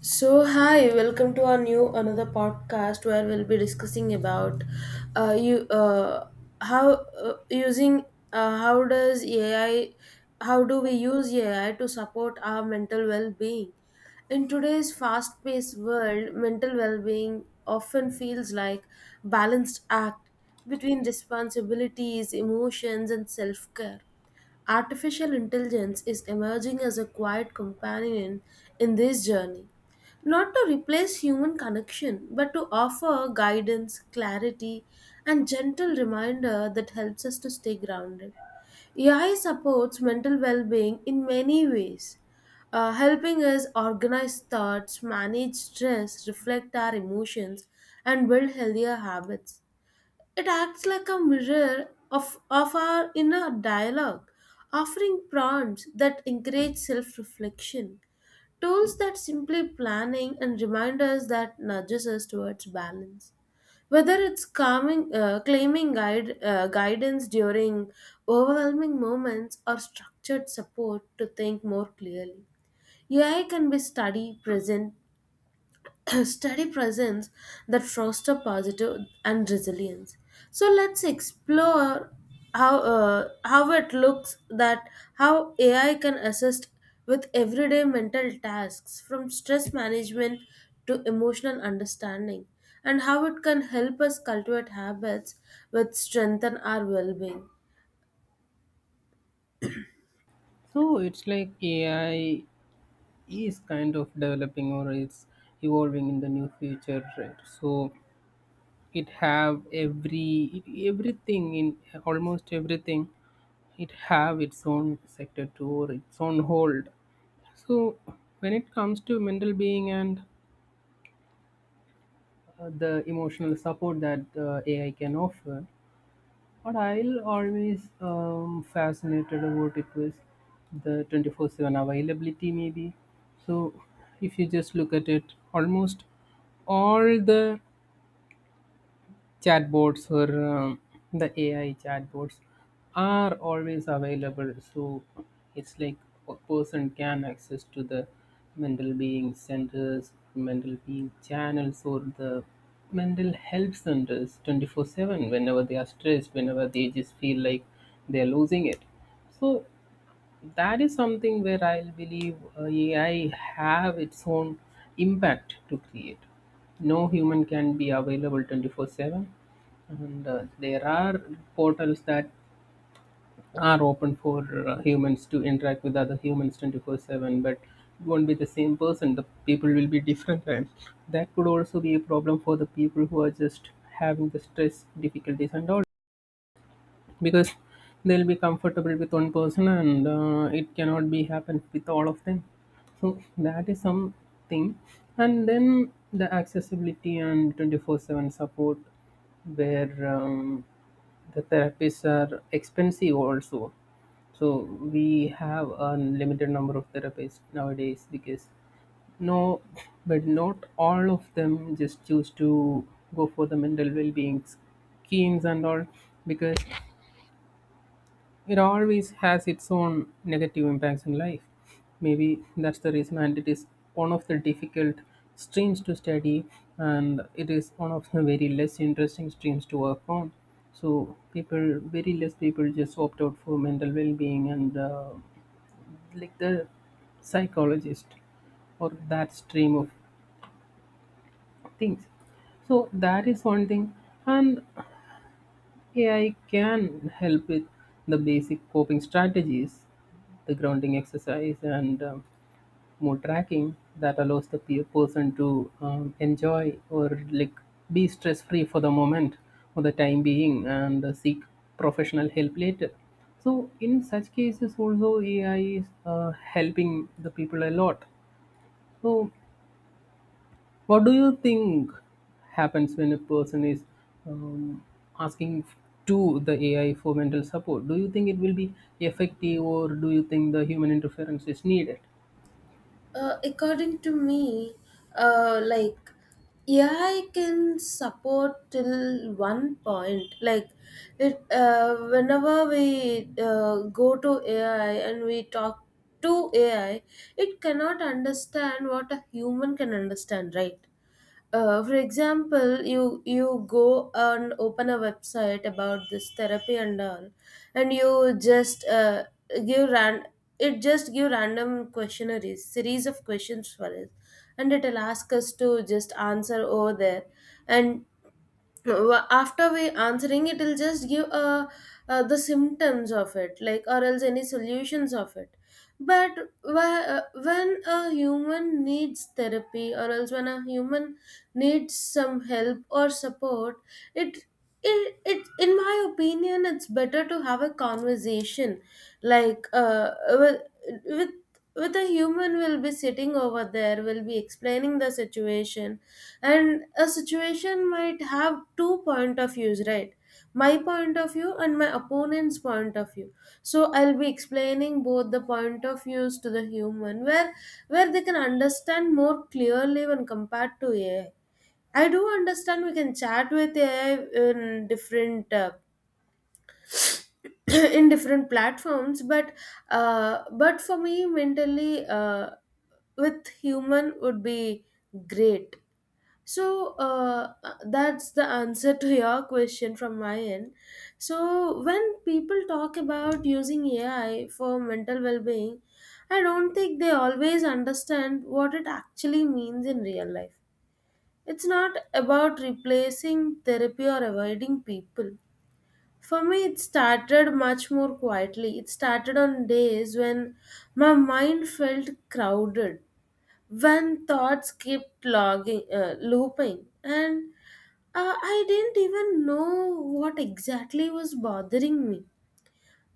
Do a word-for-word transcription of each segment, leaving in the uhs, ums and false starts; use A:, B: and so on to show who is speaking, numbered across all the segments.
A: So, hi, welcome to our new another podcast where we'll be discussing about uh, you uh, how uh, using uh, how does A I how do we use A I to support our mental well-being? In today's fast-paced world, mental well-being often feels like balanced act between responsibilities, emotions, and self-care. Artificial intelligence is emerging as a quiet companion in this journey not to replace human connection, but to offer guidance, clarity, and gentle reminder that helps us to stay grounded. A I supports mental well being in many ways, uh, helping us organize thoughts, manage stress, reflect our emotions, and build healthier habits. It acts like a mirror of, of our inner dialogue, offering prompts that encourage self reflection. Tools that simply planning and reminders that nudges us towards balance. Whether it's calming, uh, claiming guide, uh, guidance during overwhelming moments or structured support to think more clearly. A I can be study, present, steady presence that foster positive and resilience. So let's explore how uh, how it looks that how A I can assist with everyday mental tasks from stress management to emotional understanding and how it can help us cultivate habits which strengthen our well-being.
B: So it's like A I is kind of developing or it's evolving in the new future, right? So it have every everything in almost everything. It have its own sector too or its own hold. So when it comes to mental being and uh, the emotional support that uh, A I can offer, what I'll always um, fascinated about it was the twenty-four seven availability, maybe. So, if you just look at it, almost all the chatbots or um, the A I chatbots are always available. So it's like a person can access to the mental being centers, mental being channels, or the mental health centers twenty-four seven whenever they are stressed, whenever they just feel like they are losing it. So that is something where I'll believe uh, ai have its own impact to create. No human can be available twenty-four seven, and uh, there are portals that are open for uh, humans to interact with other humans twenty-four seven, but it won't be the same person, the people will be different, and that could also be a problem for the people who are just having the stress difficulties and all, because they'll be comfortable with one person, and uh, it cannot be happen with all of them. So that is something, and then the accessibility and twenty-four seven support, where um, the therapists are expensive also. So we have a limited number of therapists nowadays because no, but not all of them just choose to go for the mental well being schemes and all, because it always has its own negative impacts in life. Maybe that's the reason, and it is one of the difficult streams to study, and it is one of the very less interesting streams to work on. So, people, very less people just opt out for mental well being and uh, like the psychologist or that stream of things. So, that is one thing, and A I can help with the basic coping strategies, the grounding exercise, and um, mood tracking that allows the pe- person to um, enjoy or like be stress free for the moment, for the time being, and uh, seek professional help later. So, in such cases, also A I is uh, helping the people a lot. So, what do you think happens when a person is um, asking to the A I for mental support? Do you think it will be effective, or do you think the human interference is needed?
A: Uh, according to me, uh, like A I can support till one point. Like it, uh, whenever we uh, go to A I and we talk to A I, it cannot understand what a human can understand, right? Uh, for example, you you go and open a website about this therapy and all, and you just uh, give ran it just give random questionnaires, series of questions for us, and it'll ask us to just answer over there, and Wa- after we answering it will just give uh, uh, the symptoms of it like or else any solutions of it. But wh- uh, when a human needs therapy or else when a human needs some help or support, it it, it in my opinion it's better to have a conversation like uh, with with with a human will be sitting over there will be explaining the situation, and a situation might have two point of views, right? My point of view and my opponent's point of view. So I'll be explaining both the point of views to the human where where they can understand more clearly when compared to AI. I do understand we can chat with AI in different uh, in different platforms, but uh, but for me mentally, uh, with human would be great. So uh, that's the answer to your question from my end. So when people talk about using A I for mental well-being, I don't think they always understand what it actually means in real life. It's not about replacing therapy or avoiding people. For me, it started much more quietly. It started on days when my mind felt crowded, when thoughts kept logging, uh, looping, and uh, I didn't even know what exactly was bothering me.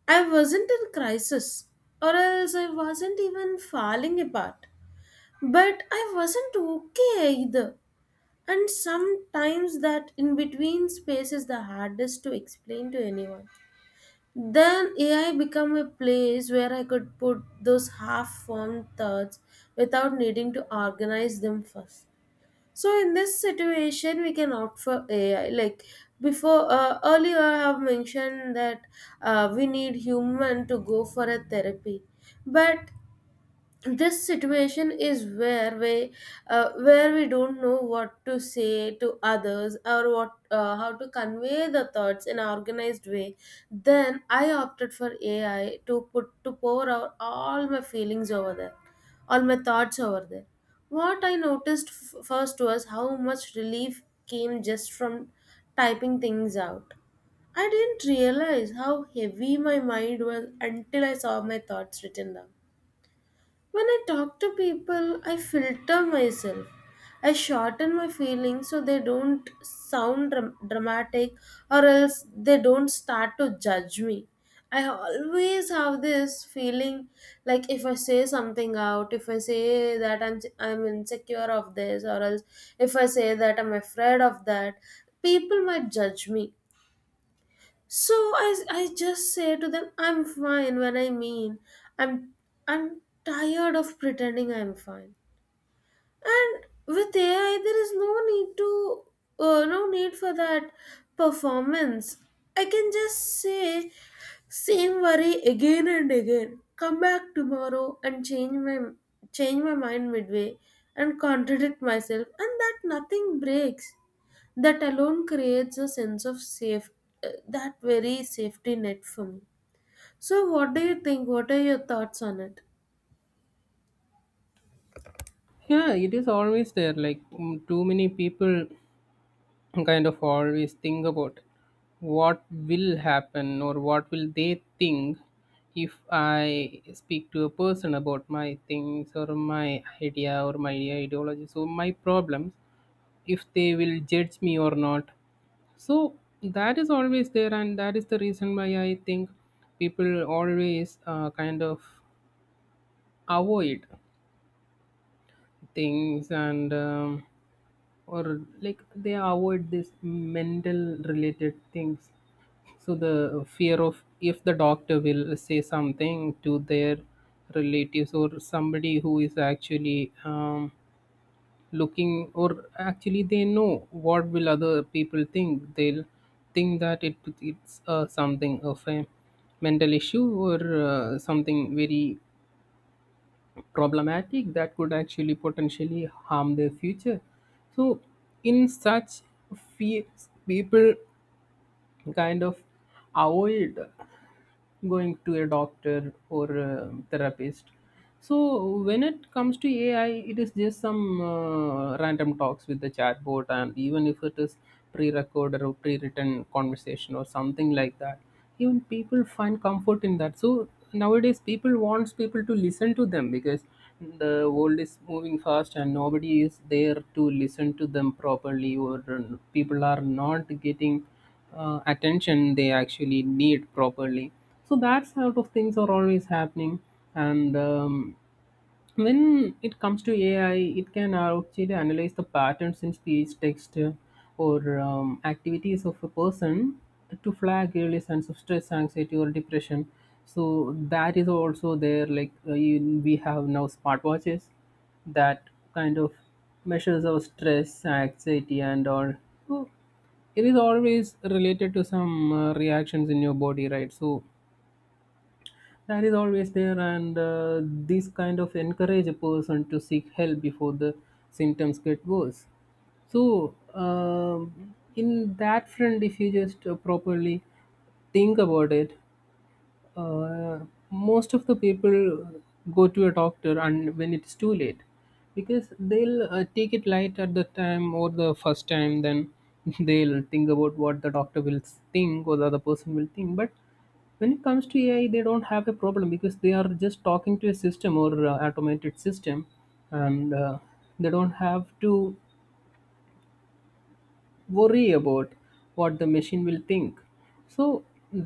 A: I wasn't in crisis, or else I wasn't even falling apart. But I wasn't okay either. And sometimes that in between space is the hardest to explain to anyone. Then A I became a place where I could put those half formed thoughts without needing to organize them first. So in this situation, we can opt for A I. Like before, uh, earlier I have mentioned that uh, we need human to go for a therapy, but this situation is where we uh, where we don't know what to say to others or what uh, how to convey the thoughts in an organized way. Then I opted for AI to put to pour out all my feelings over there, all my thoughts over there. What I noticed f- first was how much relief came just from typing things out. I didn't realize how heavy my mind was until I saw my thoughts written down. When I talk to people, I filter myself. I shorten my feelings so they don't sound dram- dramatic or else they don't start to judge me. I always have this feeling like if I say something out, if I say that I'm I'm insecure of this or else if I say that I'm afraid of that, people might judge me. So I, I just say to them, I'm fine when I mean I'm I'm tired of pretending I'm fine. And with A I, there is no need to uh, no need for that performance. I can just say same worry again and again. Come back tomorrow and change my change my mind midway and contradict myself, and that nothing breaks, that alone creates a sense of safe uh, that very safety net for me. So what do you think, what are your thoughts on it?
B: Yeah, it is always there. Like mm, too many people kind of always think about what will happen or what will they think if I speak to a person about my things or my idea or my ideology, so my problems, if they will judge me or not. So that is always there, and that is the reason why I think people always uh, kind of avoid things and um, or like they avoid this mental related things. So the fear of if the doctor will say something to their relatives or somebody who is actually um, looking, or actually, they know what will other people think. They'll think that it it's uh, something of a mental issue or uh, something very problematic that could actually potentially harm their future. So in such fears, people kind of avoid going to a doctor or a therapist. So when it comes to ai, it is just some uh, random talks with the chatbot, and even if it is pre-recorded or pre-written conversation or something like that, even people find comfort in that. So nowadays people wants people to listen to them, because the world is moving fast and nobody is there to listen to them properly, or uh, people are not getting uh, attention they actually need properly. So that sort of things are always happening, and um, when it comes to A I, it can actually analyze the patterns in speech, text, uh, or um, activities of a person to flag early signs of stress, anxiety, or depression. So that is also there. Like uh, you, we have now smartwatches that kind of measures our stress, anxiety, and all. So it is always related to some uh, reactions in your body, right? So that is always there, and uh, these kind of encourage a person to seek help before the symptoms get worse. So um, in that front, if you just uh, properly think about it, uh, most of the people go to a doctor and when it's too late, because they'll uh, take it light at the time or the first time. Then they'll think about what the doctor will think or the other person will think. But when it comes to ai, they don't have a problem because they are just talking to a system or uh, automated system, and uh, they don't have to worry about what the machine will think. So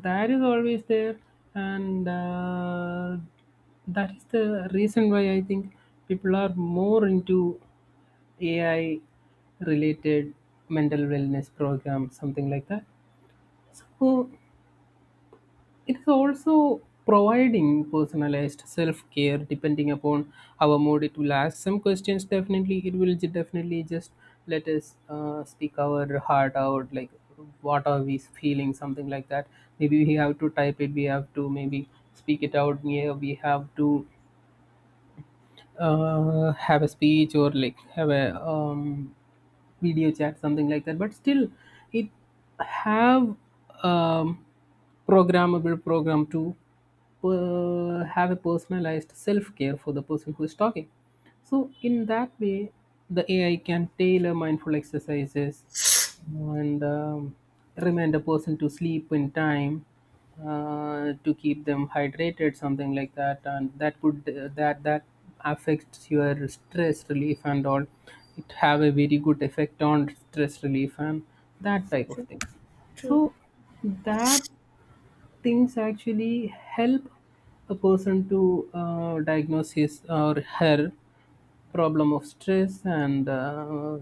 B: that is always there, and uh, that is the reason why I think people are more into ai related mental wellness programs, something like that. So it's also providing personalized self-care depending upon our mood. It will ask some questions. Definitely, it will ju- definitely just let us uh, speak our heart out, like what are we feeling, something like that. Maybe we have to type it. We have to maybe speak it out. Yeah, we have to uh, have a speech, or like have a um, video chat, something like that. But still it have um, programmable program to uh, have a personalized self-care for the person who is talking. So in that way, the ai can tailor mindful exercises and um, remind a person to sleep in time, uh, to keep them hydrated, something like that. And that could that that affects your stress relief and all. It have a very good effect on stress relief and that type of
A: True,
B: things.
A: true,
B: So that things actually help a person to uh, diagnose his or her problem of stress, and uh,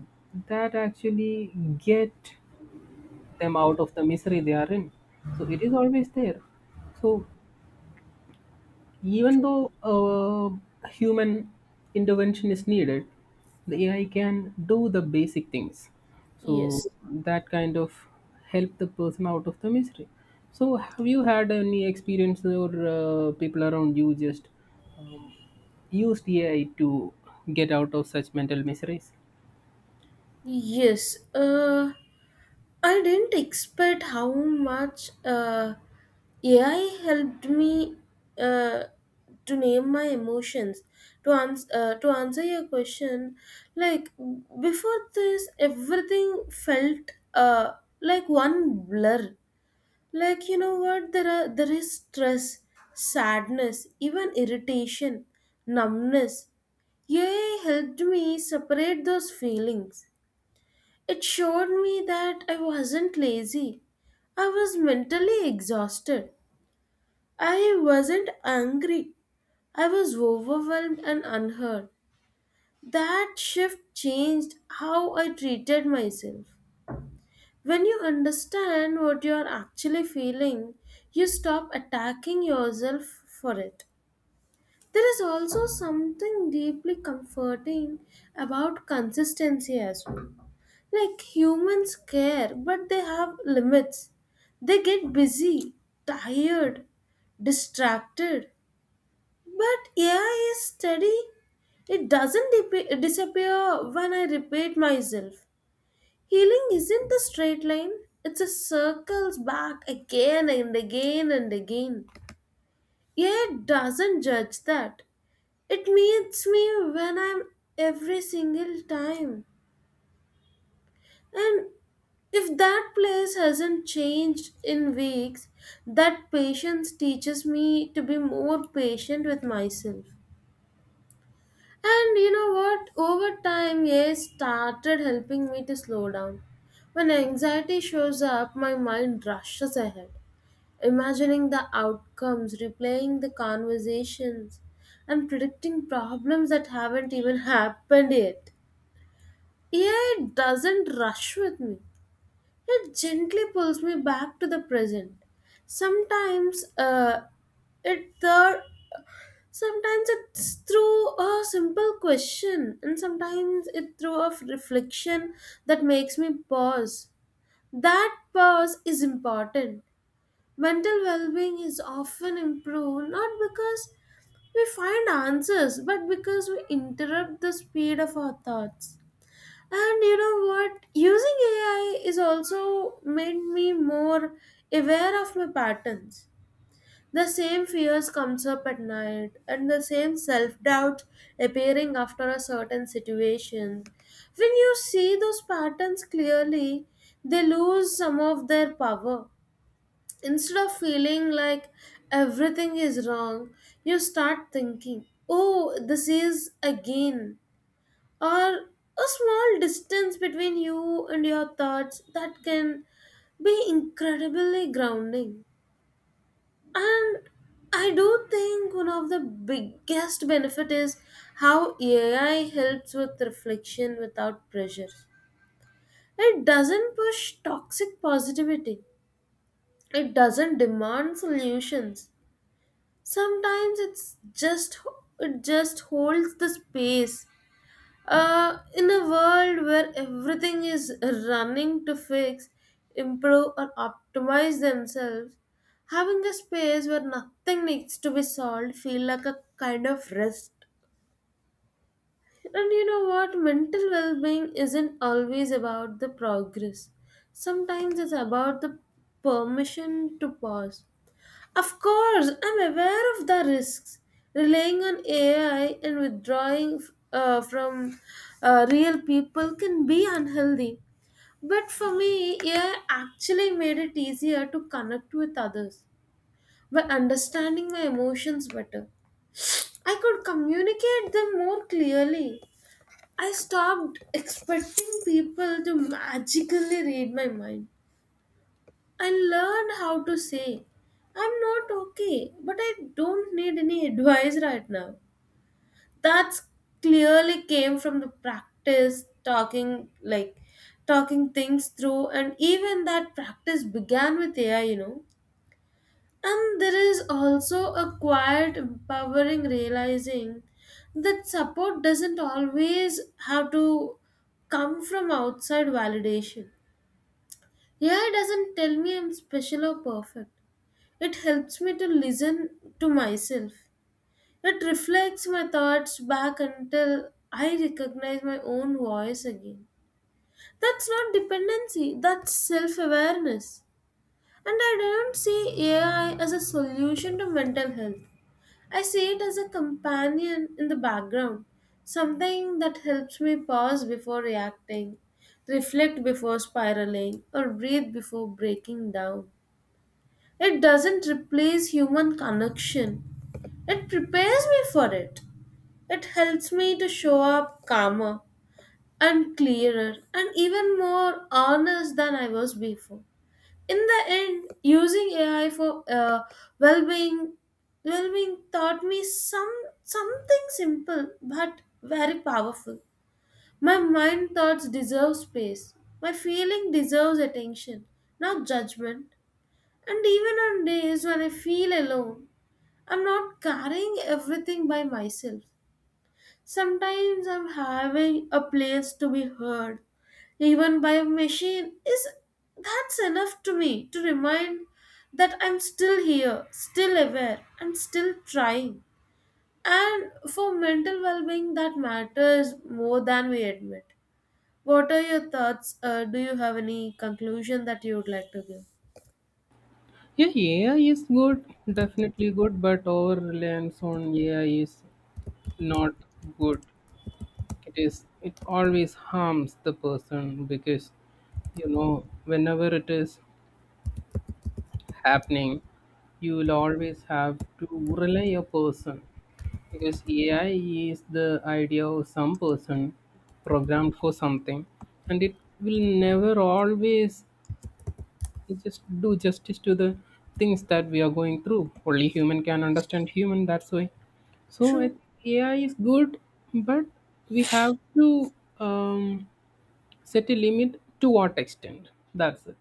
B: that actually get them out of the misery they are in. So it is always there. So even
A: true.
B: though uh, human intervention is needed, the A I can do the basic things. So
A: Yes.
B: that kind of help the person out of the misery. So have you had any experience, or uh, people around you just um, used A I to get out of such mental miseries?
A: Yes. uh I didn't expect how much uh AI helped me uh to name my emotions, to ans- uh, to answer your question. Like before this everything felt uh like one blur. Like, you know what, there are there is stress, sadness, even irritation, numbness. Yay helped me separate those feelings. It showed me that I wasn't lazy, I was mentally exhausted. I wasn't angry, I was overwhelmed and unheard. That shift changed how I treated myself. When you understand what you are actually feeling, you stop attacking yourself for it. There is also something deeply comforting about consistency as well. Like humans care, but they have limits. They get busy, tired, distracted. But A I is steady. It doesn't dip- disappear when I repeat myself. Healing isn't a straight line, it's a circles back again and again and again. Yet doesn't judge that. It meets me when I'm every single time. And if that place hasn't changed in weeks, that patience teaches me to be more patient with myself. And you know what? Over time, yes, started helping me to slow down. When anxiety shows up, my mind rushes ahead, imagining the outcomes, replaying the conversations, and predicting problems that haven't even happened yet. A I doesn't rush with me, it gently pulls me back to the present. Sometimes, uh, it the Sometimes it's through a simple question and sometimes it through a reflection that makes me pause. That pause is important. Mental well being is often improved not because we find answers but because we interrupt the speed of our thoughts. And you know what? Using A I is also made me more aware of my patterns. The same fears comes up at night and the same self-doubt appearing after a certain situation. When you see those patterns clearly, they lose some of their power. Instead of feeling like everything is wrong, you start thinking, oh, this is again, or a small distance between you and your thoughts that can be incredibly grounding. And I do think one of the biggest benefit is how A I helps with reflection without pressure. It doesn't push toxic positivity. It doesn't demand solutions. Sometimes it's just It just holds the space. Uh, in a world where everything is running to fix, improve or optimize themselves, having a space where nothing needs to be solved feel like a kind of rest. And you know what, mental well-being isn't always about the progress. Sometimes it's about the permission to pause. Of course, I'm aware of the risks. Relying on A I and withdrawing uh, from uh, real people can be unhealthy. But for me, A I actually made it easier to connect with others. By understanding my emotions better, I could communicate them more clearly. I stopped expecting people to magically read my mind and learn how to say, I'm not okay, but I don't need any advice right now. That's clearly came from the practice talking like talking things through, and even that practice began with A I, you know. And there is also a quiet empowering realizing that support doesn't always have to come from outside validation. A I doesn't tell me I'm special or perfect. It helps me to listen to myself. It reflects my thoughts back until I recognize my own voice again. That's not dependency, that's self awareness. And I don't see A I as a solution to mental health. I see it as a companion in the background, something that helps me pause before reacting, reflect before spiraling, or breathe before breaking down. It doesn't replace human connection, it prepares me for it. It helps me to show up calmer and clearer and even more honest than I was before. In the end, using A I for uh, well-being, well-being taught me some something simple but very powerful. My mind thoughts deserve space. My feeling deserves attention, not judgment. And even on days when I feel alone, I'm not carrying everything by myself. Sometimes I'm having a place to be heard, even by a machine, is that's enough to me to remind that I'm still here, still aware, and still trying. And for mental well being, that matters more than we admit. What are your thoughts? Uh, do you have any conclusion that you would like to give?
B: Yeah, A I is good, definitely good, but over reliance on A I is not good. it is it always harms the person, because you know, whenever it is happening, you will always have to rely a person, because ai is the idea of some person programmed for something, and it will never always just do justice to the things that we are going through. Only human can understand human, that's why. So I
A: True.
B: think ai is good, but we have to um, set a limit to what extent. That's it.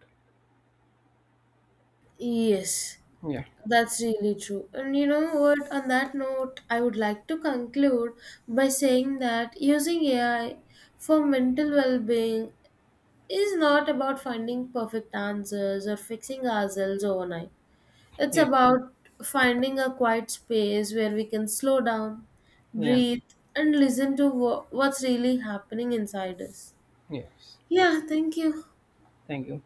A: Yes.
B: Yeah,
A: That's really true. And you know what? On that note, I would like to conclude by saying that using A I for mental well being is not about finding perfect answers or fixing ourselves overnight. It's
B: yeah,
A: about finding a quiet space where we can slow down,
B: yeah.
A: breathe, and listen to wha- what's really happening inside us.
B: Yes,
A: Yeah, thank you.
B: thank you.